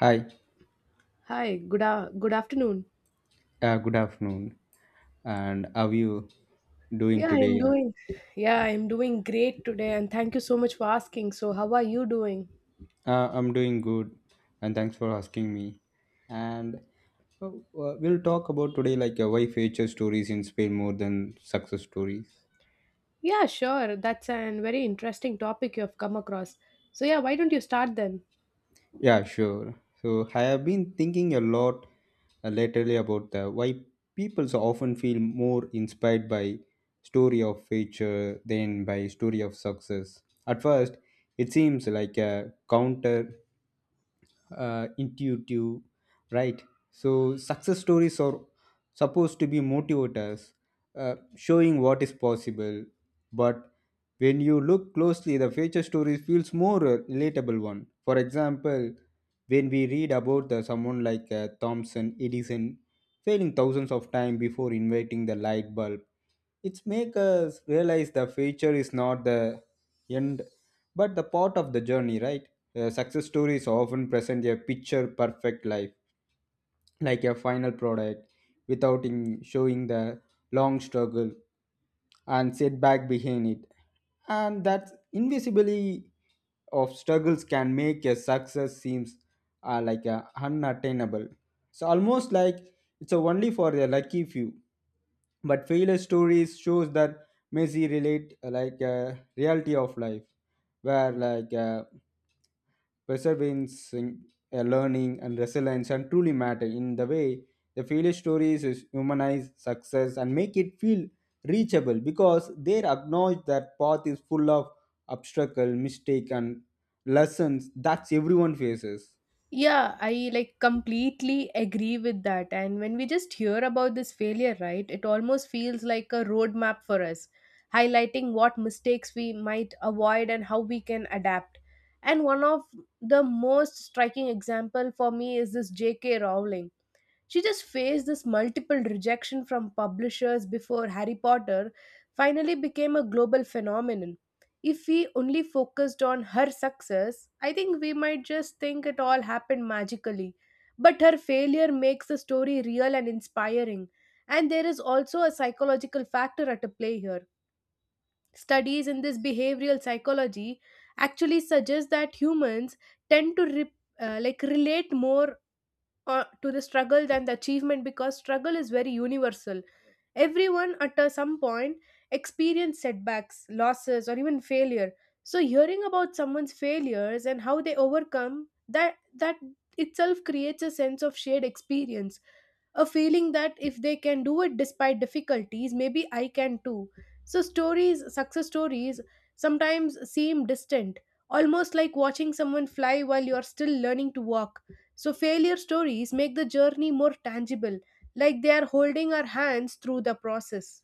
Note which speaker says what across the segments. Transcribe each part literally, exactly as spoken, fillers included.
Speaker 1: Hi,
Speaker 2: Hi, good a good afternoon.
Speaker 1: uh, good afternoon. And how are you doing
Speaker 2: Yeah, I'm
Speaker 1: today?
Speaker 2: doing. Yeah, I'm doing great today, and thank you so much for asking. So, how are you doing?
Speaker 1: Uh, I'm doing good, and thanks for asking me. And uh, uh, we'll talk about today like uh, why future stories inspire more than success stories.
Speaker 2: Yeah, sure. That's a very interesting topic you have come across. So, yeah, why don't you start then?
Speaker 1: Yeah, sure. So I have been thinking a lot uh, lately about the why people so often feel more inspired by story of future than by story of success. At first, it seems like a counter uh, intuitive, right? So success stories are supposed to be motivators, uh, showing what is possible. But when you look closely, the future story feels more uh, relatable one. For example, when we read about uh, someone like uh, thomson edison failing thousands of times before inventing the light bulb, it's make us realize the future is not the end but the part of the journey, right? Uh, success stories often present a picture perfect life, like a final product, without in showing the long struggle and setback behind it. And that invisibility of struggles can make a success seems uh, like a unattainable. So almost like it's only for the lucky few. But failure stories shows that Messi relate uh, like a reality of life, where like. Uh, perseverance, in- uh, learning, and resilience and truly matter in the way the failure stories is humanize success and make it feel reachable, because they acknowledge that path is full of obstacle, mistake, and lessons that everyone faces.
Speaker 2: Yeah, I like completely agree with that. And when we just hear about this failure, right, it almost feels like a roadmap for us, highlighting what mistakes we might avoid and how we can adapt. And one of the most striking example for me is this J K. Rowling. She just faced this multiple rejection from publishers before Harry Potter finally became a global phenomenon. If we only focused on her success, I think we might just think it all happened magically. But her failure makes the story real and inspiring. And there is also a psychological factor at a play here. Studies in this behavioral psychology actually suggest that humans tend to re- uh, like relate more uh, to the struggle than the achievement because struggle is very universal. Everyone at a, some point experience setbacks, losses, or even failure. So hearing about someone's failures and how they overcome that that itself creates a sense of shared experience, a feeling that if they can do it despite difficulties, maybe I can too. So, stories, success stories, sometimes seem distant, almost like watching someone fly while you are still learning to walk. So, failure stories make the journey more tangible, like they are holding our hands through the process.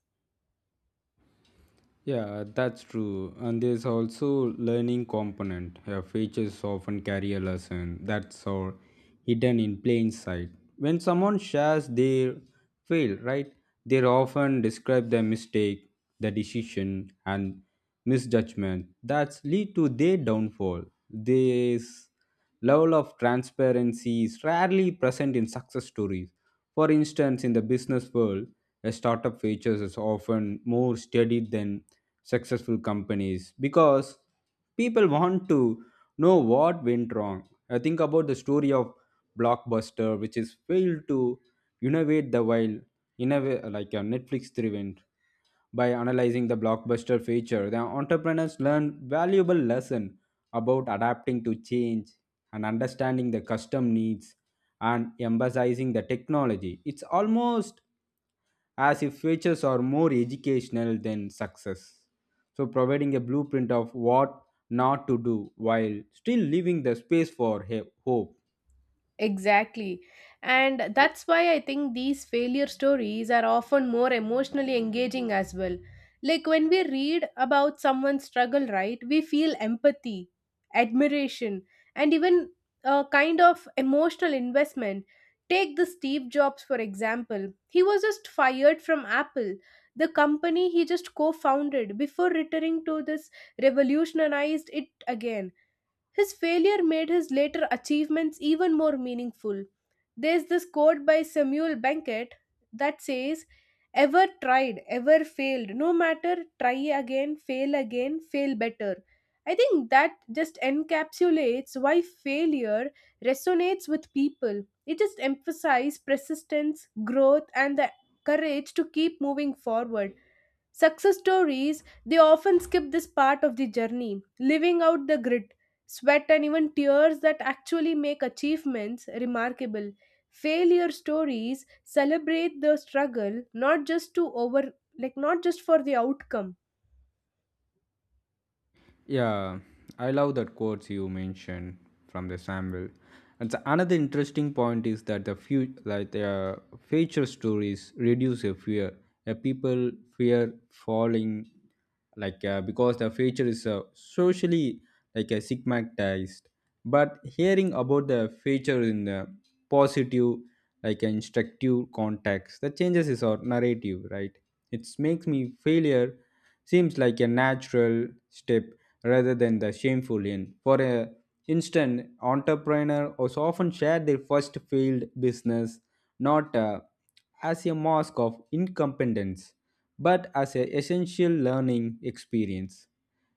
Speaker 1: Yeah, that's true. And there's also learning component. Her features often carry a lesson that's all hidden in plain sight. When someone shares their fail, right, they often describe their mistake, the decision, and misjudgment that lead to their downfall. This level of transparency is rarely present in success stories. For instance, in the business world, a startup features is often more studied than successful companies because people want to know what went wrong. I think about the story of Blockbuster, which is failed to innovate the while innov- like a Netflix driven. By analyzing the blockbuster feature, the entrepreneurs learn valuable lesson about adapting to change and understanding the custom needs and emphasizing the technology. It's almost as if features are more educational than success, so providing a blueprint of what not to do while still leaving the space for he- hope.
Speaker 2: Exactly. And that's why I think these failure stories are often more emotionally engaging as well. Like when we read about someone's struggle, right, we feel empathy, admiration, and even a kind of emotional investment. Take the Steve Jobs, for example. He was just fired from Apple, the company he just co founded, before returning to this revolutionized it again. His failure made his later achievements even more meaningful. There's this quote by Samuel Beckett that says, "Ever tried, ever failed, no matter, try again, fail again, fail better." I think that just encapsulates why failure resonates with people. It just emphasizes persistence, growth, and the courage to keep moving forward. Success stories, they often skip this part of the journey, leaving out the grit, sweat, and even tears that actually make achievements remarkable. Failure stories celebrate the struggle, not just to over, like, not just for the outcome.
Speaker 1: Yeah, I love that quotes you mentioned from the Samuel. And so another interesting point is that the few like the future stories reduce a fear. A people fear falling, like uh, because the future is uh, socially like a stigmatized. But hearing about the future in the positive, like instructive context, that changes is our narrative, right? It makes me failure seems like a natural step rather than the shameful end. For a instant, entrepreneur also often share their first failed business not uh, as a mask of incompetence, but as an essential learning experience.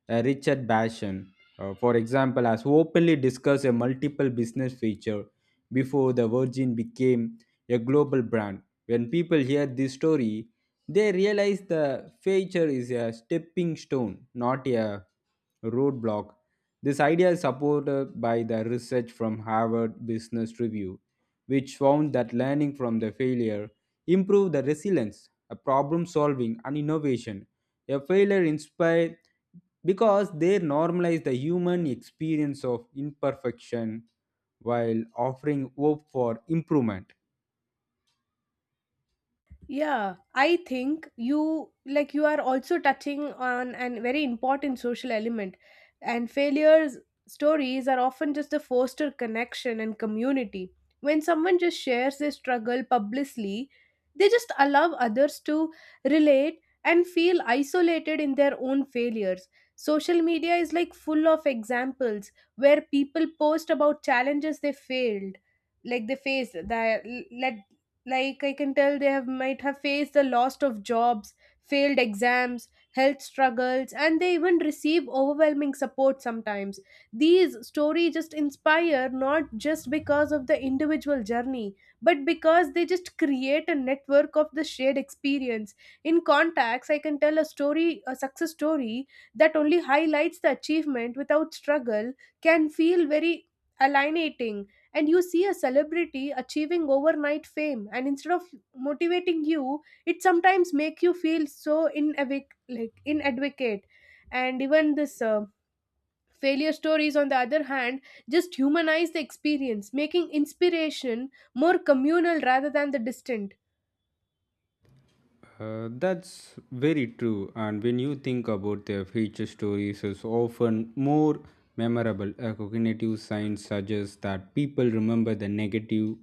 Speaker 1: Uh, Richard Basham, uh, for example, has openly discussed a multiple business feature before the Virgin became a global brand. When people hear this story, they realize the feature is a stepping stone, not a roadblock. This idea is supported by the research from Harvard Business Review, which found that learning from the failure improved the resilience, uh, problem solving, and innovation. A failure inspires because they normalize the human experience of imperfection while offering hope for improvement.
Speaker 2: Yeah, I think you like you are also touching on an very important social element, and failures stories are often just a foster connection and community. When someone just shares their struggle publicly, they just allow others to relate and feel isolated in their own failures. Social media is like full of examples where people post about challenges they failed, like they faced that, let, like I can tell they have might have faced the loss of jobs, failed exams, health struggles, and they even receive overwhelming support. Sometimes these stories just inspire not just because of the individual journey, but because they just create a network of the shared experience. In context, I can tell a story, a success story that only highlights the achievement without struggle, can feel very alienating. And you see a celebrity achieving overnight fame, and instead of motivating you, it sometimes make you feel so inadequate, like inadequate And even this uh, failure stories on the other hand just humanize the experience, making inspiration more communal rather than the distant.
Speaker 1: Uh, that's very true. And when you think about their feature stories, is often more memorable. Uh, cognitive science suggests that people remember the negative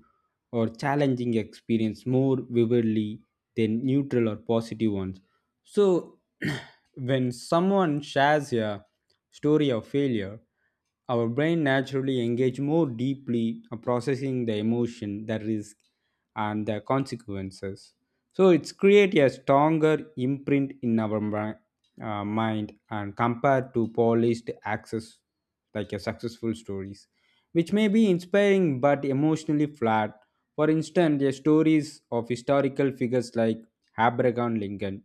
Speaker 1: or challenging experience more vividly than neutral or positive ones. So, when someone shares a story of failure, our brain naturally engage more deeply, uh, processing the emotion, the risk, and the consequences. So it's create a stronger imprint in our mi- uh, mind, and compared to polished access like a successful stories, which may be inspiring but emotionally flat. For instance, the stories of historical figures like Abraham Lincoln,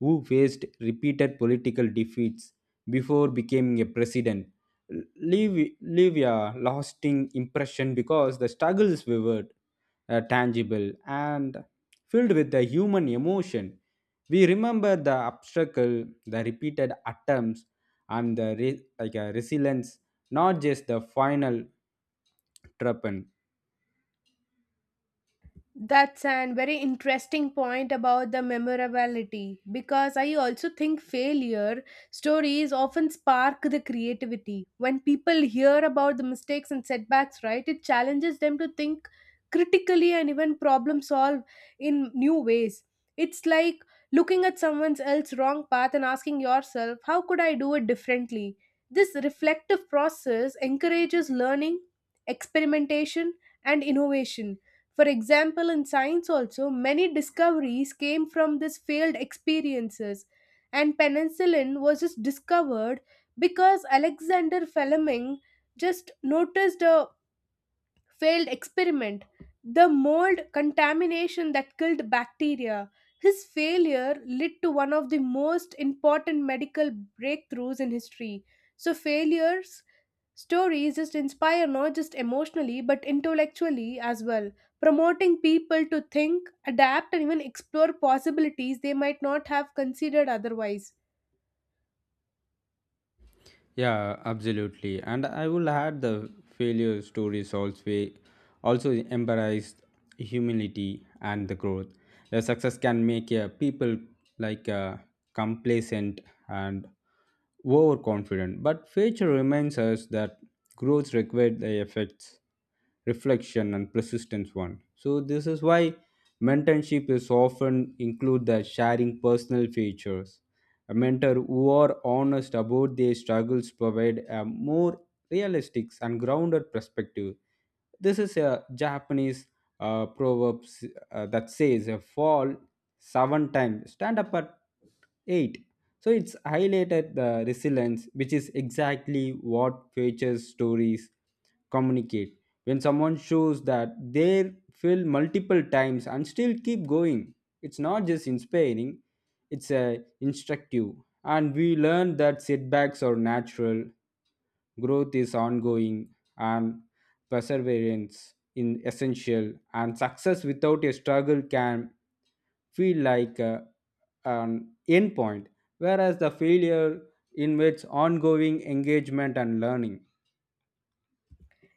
Speaker 1: who faced repeated political defeats before becoming a president, leave leave a lasting impression because the struggle is vivid, uh, tangible, and filled with the human emotion. We remember the obstacle, the repeated attempts, and the re- like a resilience, not just the final triumph.
Speaker 2: That's an very interesting point about the memorability because I also think failure stories often spark the creativity. When people hear about the mistakes and setbacks, right, it challenges them to think critically and even problem solve in new ways. It's like looking at someone else's wrong path and asking yourself, how could I do it differently? This reflective process encourages learning, experimentation, and innovation. For example, in science, also, many discoveries came from these failed experiences, and penicillin was just discovered because Alexander Fleming just noticed a failed experiment, the mold contamination that killed bacteria. His failure led to one of the most important medical breakthroughs in history. So, failures stories just inspire not just emotionally but intellectually as well, promoting people to think, adapt, and even explore possibilities they might not have considered otherwise.
Speaker 1: Yeah, absolutely. And I will add the failure stories also also embrace humility and the growth. The success can make uh, people like uh, complacent and overconfident, but failure reminds us that growth requires the effects, reflection, and persistence. One. So this is why mentorship is often include the sharing personal features. A mentor who are honest about their struggles provide a more realistic and grounded perspective. This is a Japanese uh, proverb s- uh, that says, uh, "Fall seven times, stand up at eight." So it's highlighted the resilience, which is exactly what future stories communicate. When someone shows that they fail multiple times and still keep going, it's not just inspiring, it's uh, instructive, and we learn that setbacks are natural, growth is ongoing, and perseverance in essential. And success without a struggle can feel like uh, an endpoint, whereas the failure invites ongoing engagement and learning.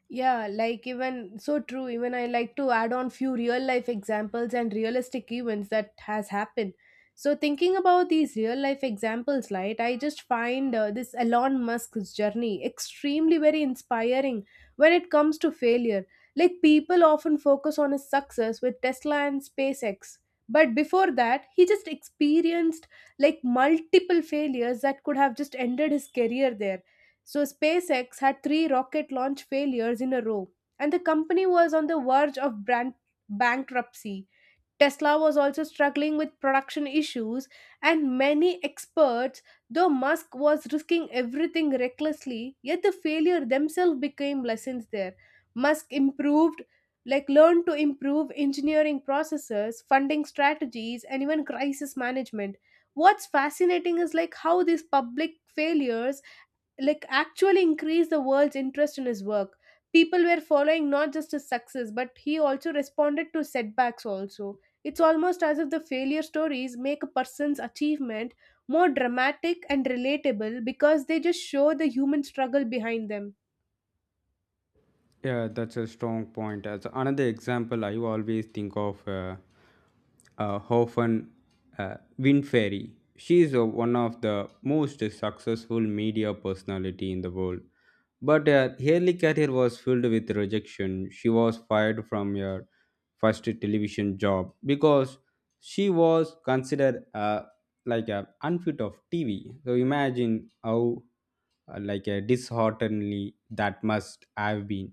Speaker 2: Yeah, like even so true. Even i like to add on few real life examples and realistic events that has happened. So thinking about these real life examples, right, I just find uh, this Elon Musk's journey extremely very inspiring when it comes to failure. Like people often focus on his success with Tesla and SpaceX, but before that he just experienced like multiple failures that could have just ended his career there. So SpaceX had three rocket launch failures in a row, and the company was on the verge of brand bankruptcy. Tesla was also struggling with production issues, and many experts, though Musk was risking everything recklessly, yet the failure themselves became lessons there. Musk improved, like learned to improve engineering processes, funding strategies, and even crisis management. What's fascinating is like how these public failures like actually increased the world's interest in his work. People were following not just his success but he also responded to setbacks also. It's almost as if the failure stories make a person's achievement more dramatic and relatable because they just show the human struggle behind them.
Speaker 1: Yeah, that's a strong point. As another example, I always think of uh, uh, Hoffen uh, Winfrey. She is uh, one of the most successful media personality in the world. But uh, her early career was filled with rejection. She was fired from her first television job because she was considered uh, like a unfit of T V. So imagine how uh, like a dishearteningly that must have been.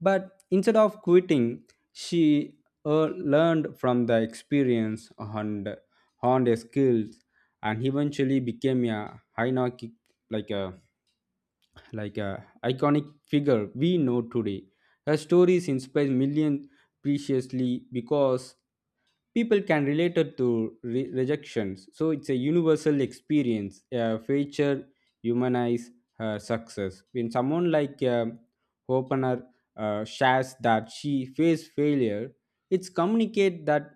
Speaker 1: But instead of quitting, she uh, learned from the experience and honed her skills and eventually became a high like a like a iconic figure we know today. Her stories inspire millions preciously because people can relate it to re- rejections. So it's a universal experience. A feature humanize her success. When someone like um Hopener uh, shares that she faced failure, it's communicate that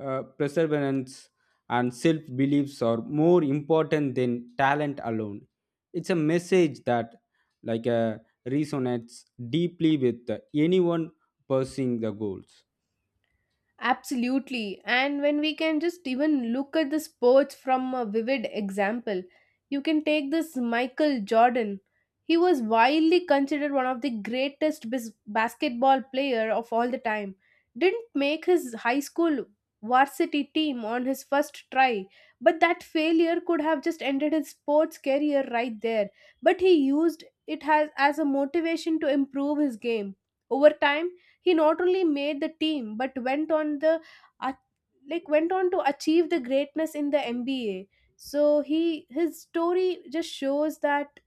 Speaker 1: uh, perseverance and self beliefs are more important than talent alone. It's a message that like uh, resonates deeply with anyone pursuing the goals.
Speaker 2: Absolutely. And when we can just even look at the sports from a vivid example, you can take this Michael Jordan. He was widely considered one of the greatest bis- basketball player of all the time. Didn't make his high school varsity team on his first try, but that failure could have just ended his sports career right there. But he used it as, as a motivation to improve his game. Over time, he not only made the team but went on the uh, like went on to achieve the greatness in the N B A. So he his story just shows that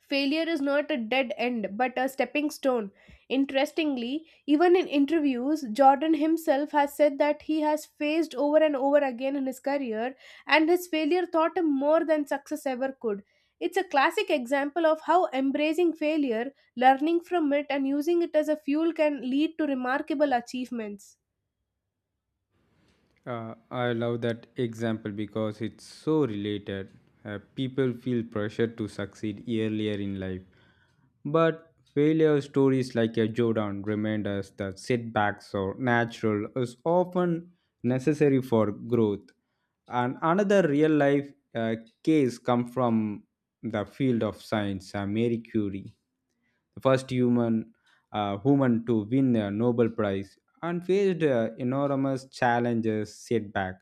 Speaker 2: failure is not a dead end, but a stepping stone. Interestingly, even in interviews, Jordan himself has said that he has faced over and over again in his career, and his failure taught him more than success ever could. It's a classic example of how embracing failure, learning from it, and using it as a fuel can lead to remarkable achievements.
Speaker 1: Uh, I love that example because it's so related. Uh, people feel pressure to succeed earlier in life. But failure stories like a Jordan remind us that setbacks are natural is often necessary for growth. And another real life uh, case come from the field of science. uh, Marie Curie, the first human uh, woman to win a Nobel Prize, and faced uh, enormous challenges setback.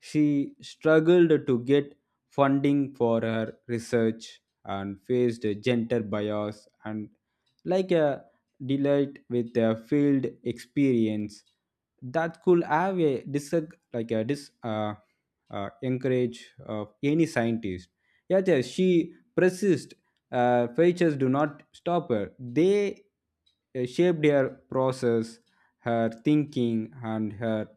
Speaker 1: She struggled to get funding for her research and faced a gender bias and like a delight with a field experience that could have a dis like a dis uh, uh, encourage of any scientist. Yet uh, she persists. Uh, features do not stop her. They uh, shaped her process, her thinking, and her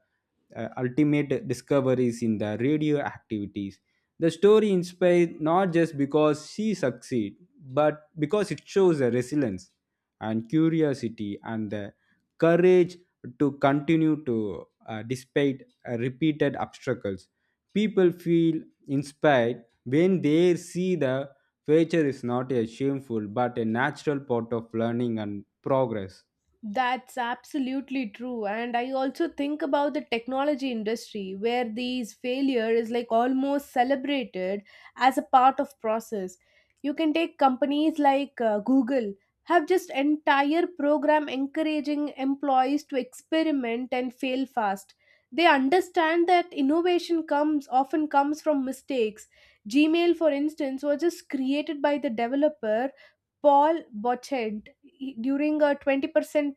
Speaker 1: uh, ultimate discoveries in the radio activities. The story inspires not just because she succeed, but because it shows her resilience and curiosity and the courage to continue to, uh, despite uh, repeated obstacles. People feel inspired when they see the failure is not a shameful but a natural part of learning and progress.
Speaker 2: That's absolutely true. And I also think about the technology industry where these failure is like almost celebrated as a part of process. You can take companies like uh, Google, have just entire program encouraging employees to experiment and fail fast. They understand that innovation comes often comes from mistakes. Gmail for instance was just created by the developer Paul Bochent during a twenty percent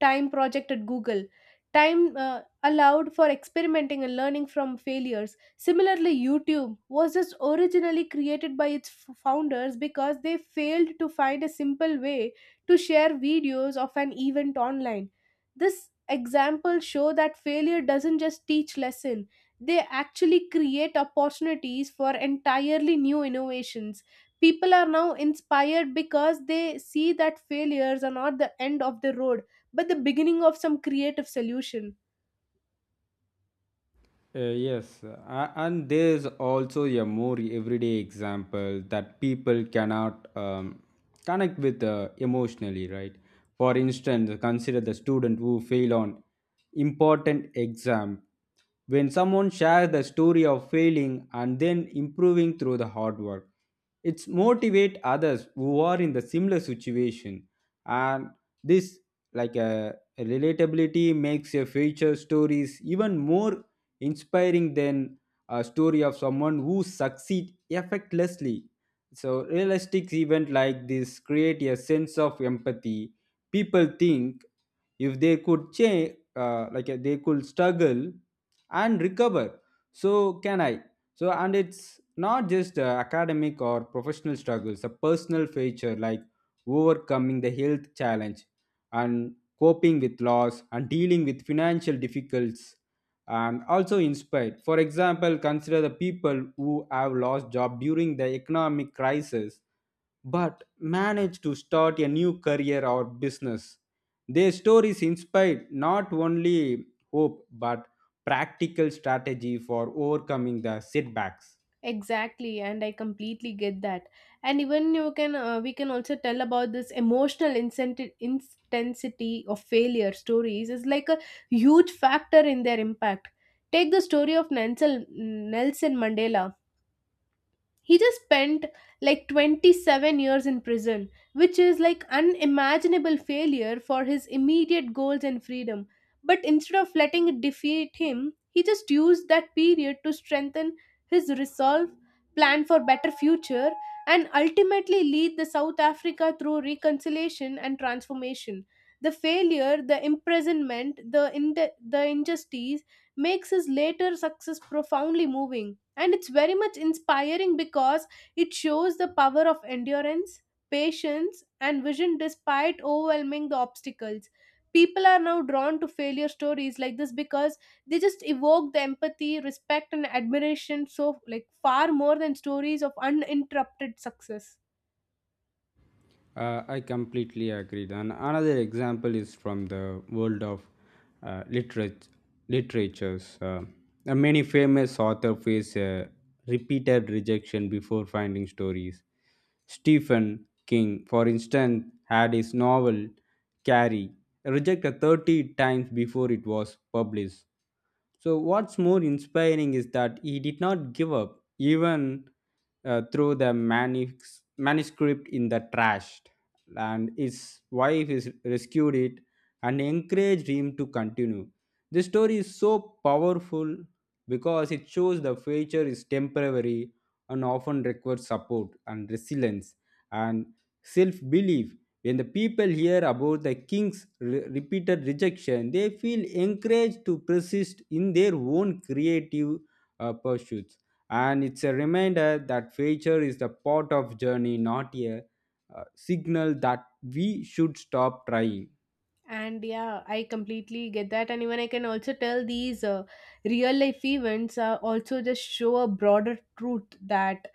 Speaker 2: time project at Google. Time uh, Allowed for experimenting and learning from failures. Similarly, YouTube was just originally created by its f- founders because they failed to find a simple way to share videos of an event online. This example show that failure doesn't just teach lesson, they actually create opportunities for entirely new innovations. People are now inspired because they see that failures are not the end of the road but the beginning of some creative solution.
Speaker 1: Uh, yes, uh, a- and there is also a more everyday example that people cannot um, connect with uh, emotionally, right? For instance, consider the student who fail on important exam. When someone shares the story of failing and then improving through the hard work, it's motivate others who are in the similar situation. And this like a relatability makes a future stories even more inspiring than a story of someone who succeed effortlessly. So realistic event like this create a sense of empathy. People think, if they could change uh, like uh, they could struggle and recover, so can I. So and it's not just uh, academic or professional struggles. A personal feature like overcoming the health challenge and coping with loss and dealing with financial difficulties and also inspired. For example, consider the people who have lost job during the economic crisis but managed to start a new career or business. Their stories inspired not only hope but practical strategy for overcoming the setbacks.
Speaker 2: Exactly, and I completely get that. And even you can uh, we can also tell about this emotional incentive intensity of failure stories is like a huge factor in their impact. Take the story of nelson nelson mandela He just spent like twenty-seven years in prison, which is like unimaginable failure for his immediate goals and freedom. But instead of letting it defeat him, he just used that period to strengthen his resolve, plan for better future, and ultimately lead the South Africa through reconciliation and transformation. The failure, the imprisonment, the, in- the injustice makes his later success profoundly moving. And it's very much inspiring because it shows the power of endurance, patience, and vision despite overwhelming the obstacles. People are now drawn to failure stories like this because they just evoke the empathy, respect, and admiration, so like far more than stories of uninterrupted success.
Speaker 1: Uh, I completely agree. And another example is from the world of uh, literat- literatures. Uh, uh, many famous authors face uh, repeated rejection before finding stories. Stephen King, for instance, had his novel Carrie rejected thirty times before it was published. So, what's more inspiring is that he did not give up, even uh, through the manus- manuscript in the trash. And his wife is rescued it and encouraged him to continue. This story is so powerful because it shows the future is temporary and often requires support and resilience and self belief. When the people hear about the king's re- repeated rejection, they feel encouraged to persist in their own creative uh, pursuits. And it's a reminder that failure is the part of journey, not a uh, signal that we should stop trying.
Speaker 2: And yeah, I completely get that. And even I can also tell these uh, real life events uh, also just show a broader truth that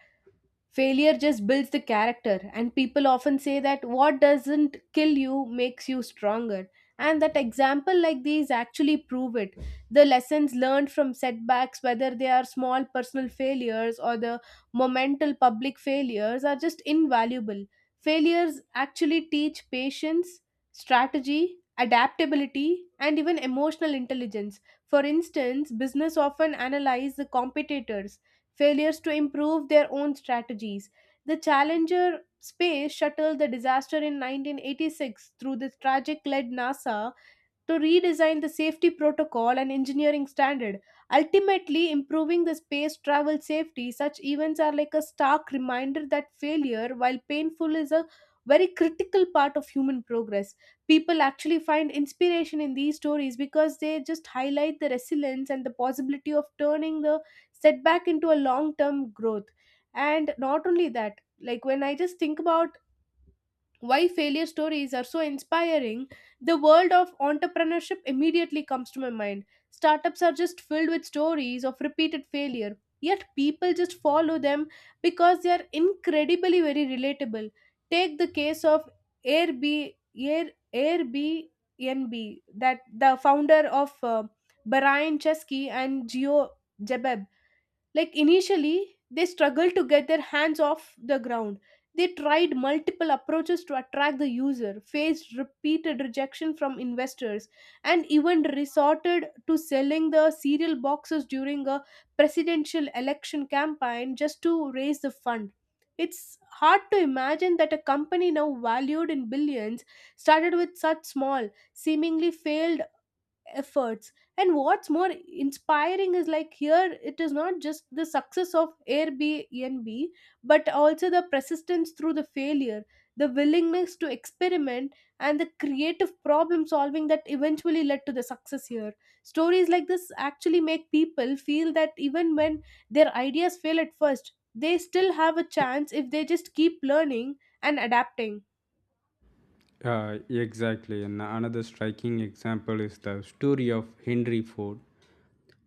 Speaker 2: failure just builds the character, and people often say that what doesn't kill you makes you stronger. And that example like these actually prove it. The lessons learned from setbacks, whether they are small personal failures or the momental public failures, are just invaluable. Failures actually teach patience, strategy, adaptability, and even emotional intelligence. For instance, business often analyze the competitors failures to improve their own strategies. The Challenger space shuttle, the disaster in nineteen eighty-six, through the tragic led NASA to redesign the safety protocol and engineering standard, ultimately improving the space travel safety. Such events are like a stark reminder that failure, while painful, is a very critical part of human progress. People actually find inspiration in these stories because they just highlight the resilience and the possibility of turning the setback into a long term growth. And not only that, like when I just think about why failure stories are so inspiring, the world of entrepreneurship immediately comes to my mind. Startups are just filled with stories of repeated failure, yet people just follow them because they are incredibly very relatable. Take the case of Airbnb, Air, Airbnb, that the founder of uh, Brian Chesky and Geo Jebab, like initially, they struggled to get their hands off the ground. They tried multiple approaches to attract the user, faced repeated rejection from investors, and even resorted to selling the cereal boxes during a presidential election campaign just to raise the fund. It's hard to imagine that a company now valued in billions started with such small, seemingly failed efforts. And what's more inspiring is, like, here it is not just the success of airbnb but also the persistence through the failure, the willingness to experiment, and the creative problem solving that eventually led to the success here. Stories like this actually make people feel that even when their ideas fail at first, they still have a chance if they just keep learning and adapting.
Speaker 1: Uh, exactly. And another striking example is the story of Henry Ford.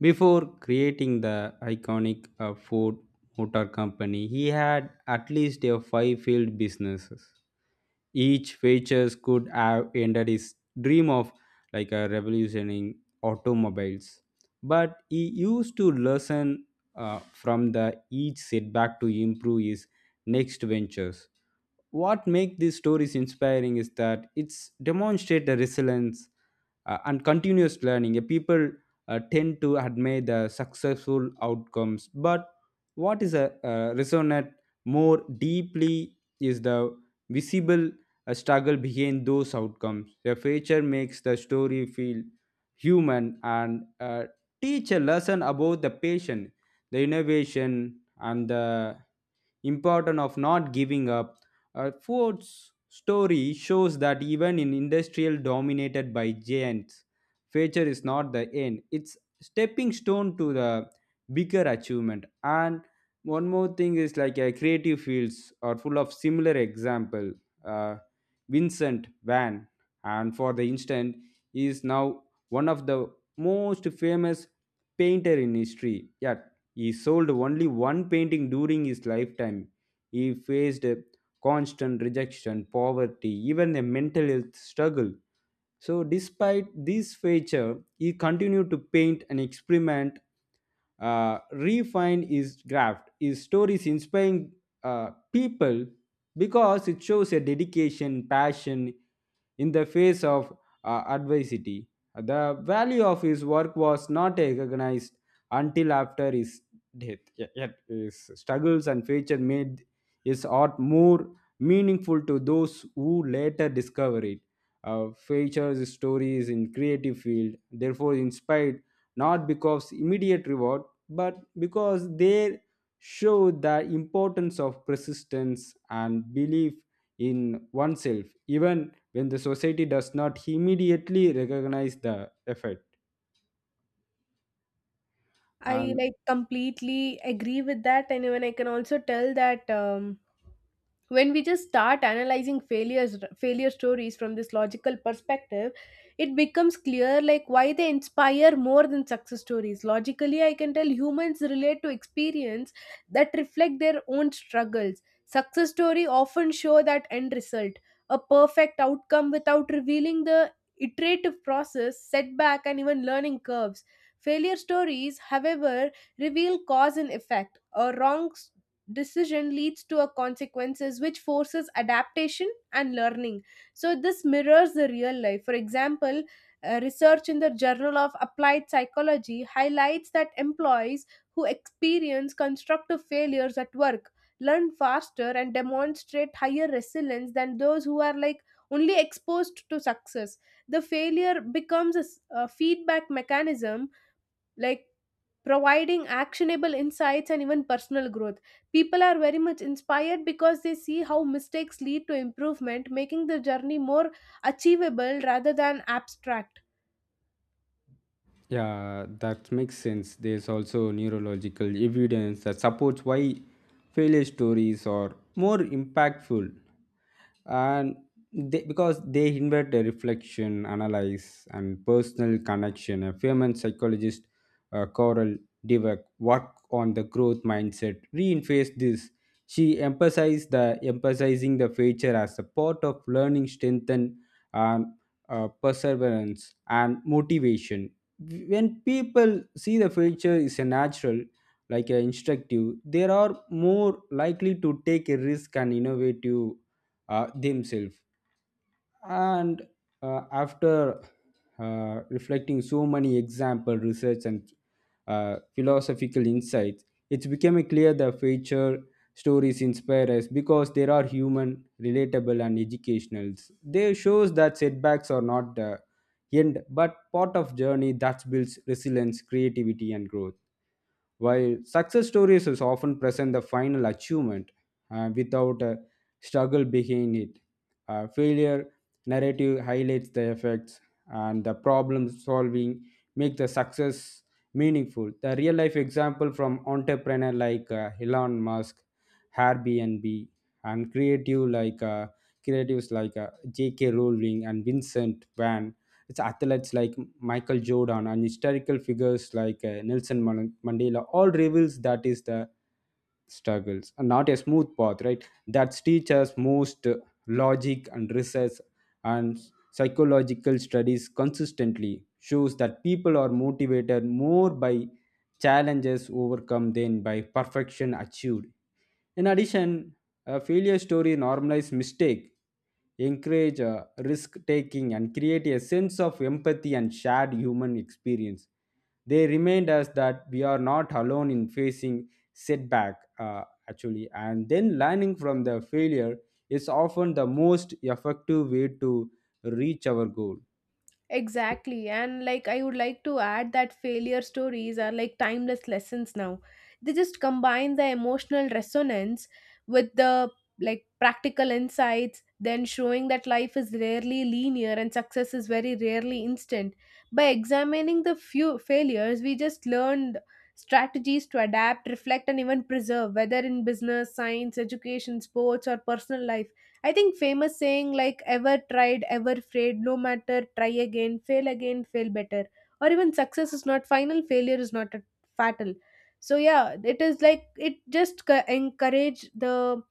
Speaker 1: Before creating the iconic uh, Ford Motor Company, he had at least a five field businesses. Each features could have ended his dream of like a revolutioning automobiles. But he used to learn uh, from the each setback to improve his next ventures. What makes these stories inspiring is that it's demonstrate the resilience uh, and continuous learning. Uh, People uh, tend to admire the successful outcomes, but what is a uh, resonate more deeply is the visible a struggle behind those outcomes. The feature makes the story feel human and uh, teach a lesson about the patient, the innovation, and the importance of not giving up. Uh, Ford's story shows that even in industrial dominated by giants, feature is not the end. It's stepping stone to the bigger achievement. And one more thing is like uh, creative fields are full of similar example. Uh, Vincent Van, and for the instant, he is now one of the most famous painter in history. Yet he sold only one painting during his lifetime. He faced constant rejection, poverty, even a mental health struggle. So, despite this feature, he continued to paint and experiment, uh, refine his craft. His stories inspiring uh, people because it shows a dedication, passion in the face of uh, adversity. The value of his work was not recognized until after his death. Ye- Yet his struggles and failure made his art more meaningful to those who later discovered it. Uh, features stories in creative field therefore inspired not because immediate reward but because they show the importance of persistence and belief in oneself even when the society does not immediately recognize the effort
Speaker 2: I
Speaker 1: and.
Speaker 2: like completely agree with that, and even I can also tell that um, when we just start analyzing failures failure stories from this logical perspective, it becomes clear like why they inspire more than success stories. Logically, I can tell humans relate to experience that reflect their own struggles. Success story often show that end result, a perfect outcome without revealing the iterative process, setback, and even learning curves. Failure stories, however, reveal cause and effect. A wrong decision leads to a consequences, which forces adaptation and learning. So this mirrors the real life. For example, uh, research in the Journal of Applied Psychology highlights that employees who experience constructive failures at work learn faster and demonstrate higher resilience than those who are like only exposed to success. The failure becomes a s- a feedback mechanism, like, providing actionable insights and even personal growth. People are very much inspired because they see how mistakes lead to improvement, making the journey more achievable rather than abstract.
Speaker 1: Yeah, that makes sense. There's also neurological evidence that supports why failure stories are more impactful and they, because they invite a reflection, analyze, and personal connection. A famous psychologist, uh, Coral Dweck, work on the growth mindset reinforced this. She emphasized the emphasizing the future as a part of learning, strengthen, and uh, perseverance and motivation when people see the future is a natural like a instructive they are more likely to take a risk and innovative uh, themselves and uh, after uh, reflecting so many example research and uh, philosophical insights it's becoming clear the future stories inspire us because they are human relatable and educational they shows that setbacks are not the end but part of journey that builds resilience creativity and growth while success stories is often present the final achievement uh, without a struggle behind it, uh, failure narrative highlights the effects and the problem solving make the success meaningful. The real life example from entrepreneur like uh, Elon Musk, Airbnb, and creative like uh, creatives like uh, J K. Rowling and Vincent Van it's athletes like Michael Jordan and historical figures like uh, Nelson Man- Mandela all reveals that is the struggles and not a smooth path right that teaches most uh, logic and research and psychological studies consistently shows that people are motivated more by challenges overcome than by perfection achieved in addition a failure story normalize mistake, encourage uh, risk taking, and create a sense of empathy and shared human experience. They remind us that we are not alone in facing setback, uh, actually, and then learning from the failure is often the most effective way to reach our goal.
Speaker 2: Exactly. And like I would like to add that failure stories are like timeless lessons now. They just combine the emotional resonance with the, like, practical insights, then showing that life is rarely linear and success is very rarely instant. By examining the few failures, we just learned strategies to adapt, reflect, and even preserve, whether in business, science, education, sports, or personal life. I think famous saying like ever tried, ever afraid, no matter, try again, fail again, fail better. Or even success is not final, failure is not a fatal. So yeah, it is like it just co- encourage the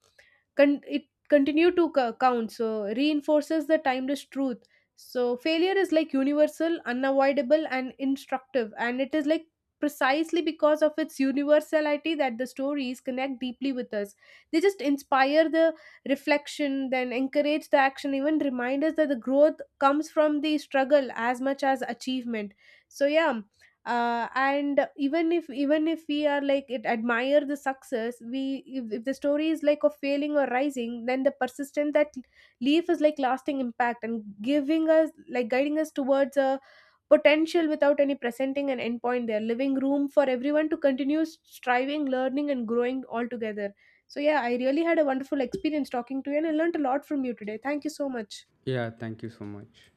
Speaker 2: Con- it continue to co- count, so reinforces the timeless truth. So failure is like universal, unavoidable, and instructive, and it is like precisely because of its universality that the stories connect deeply with us. They just inspire the reflection, then encourage the action, even remind us that the growth comes from the struggle as much as achievement. So yeah, uh, and even if even if we are like it admire the success, we if, if the story is like of failing or rising, then the persistent that leaf is like lasting impact and giving us, like, guiding us towards a potential without any presenting an endpoint there, leaving room for everyone to continue striving, learning, and growing all together. So yeah, I really had a wonderful experience talking to you and I learned a lot from you today. Thank you so much.
Speaker 1: Yeah, thank you so much.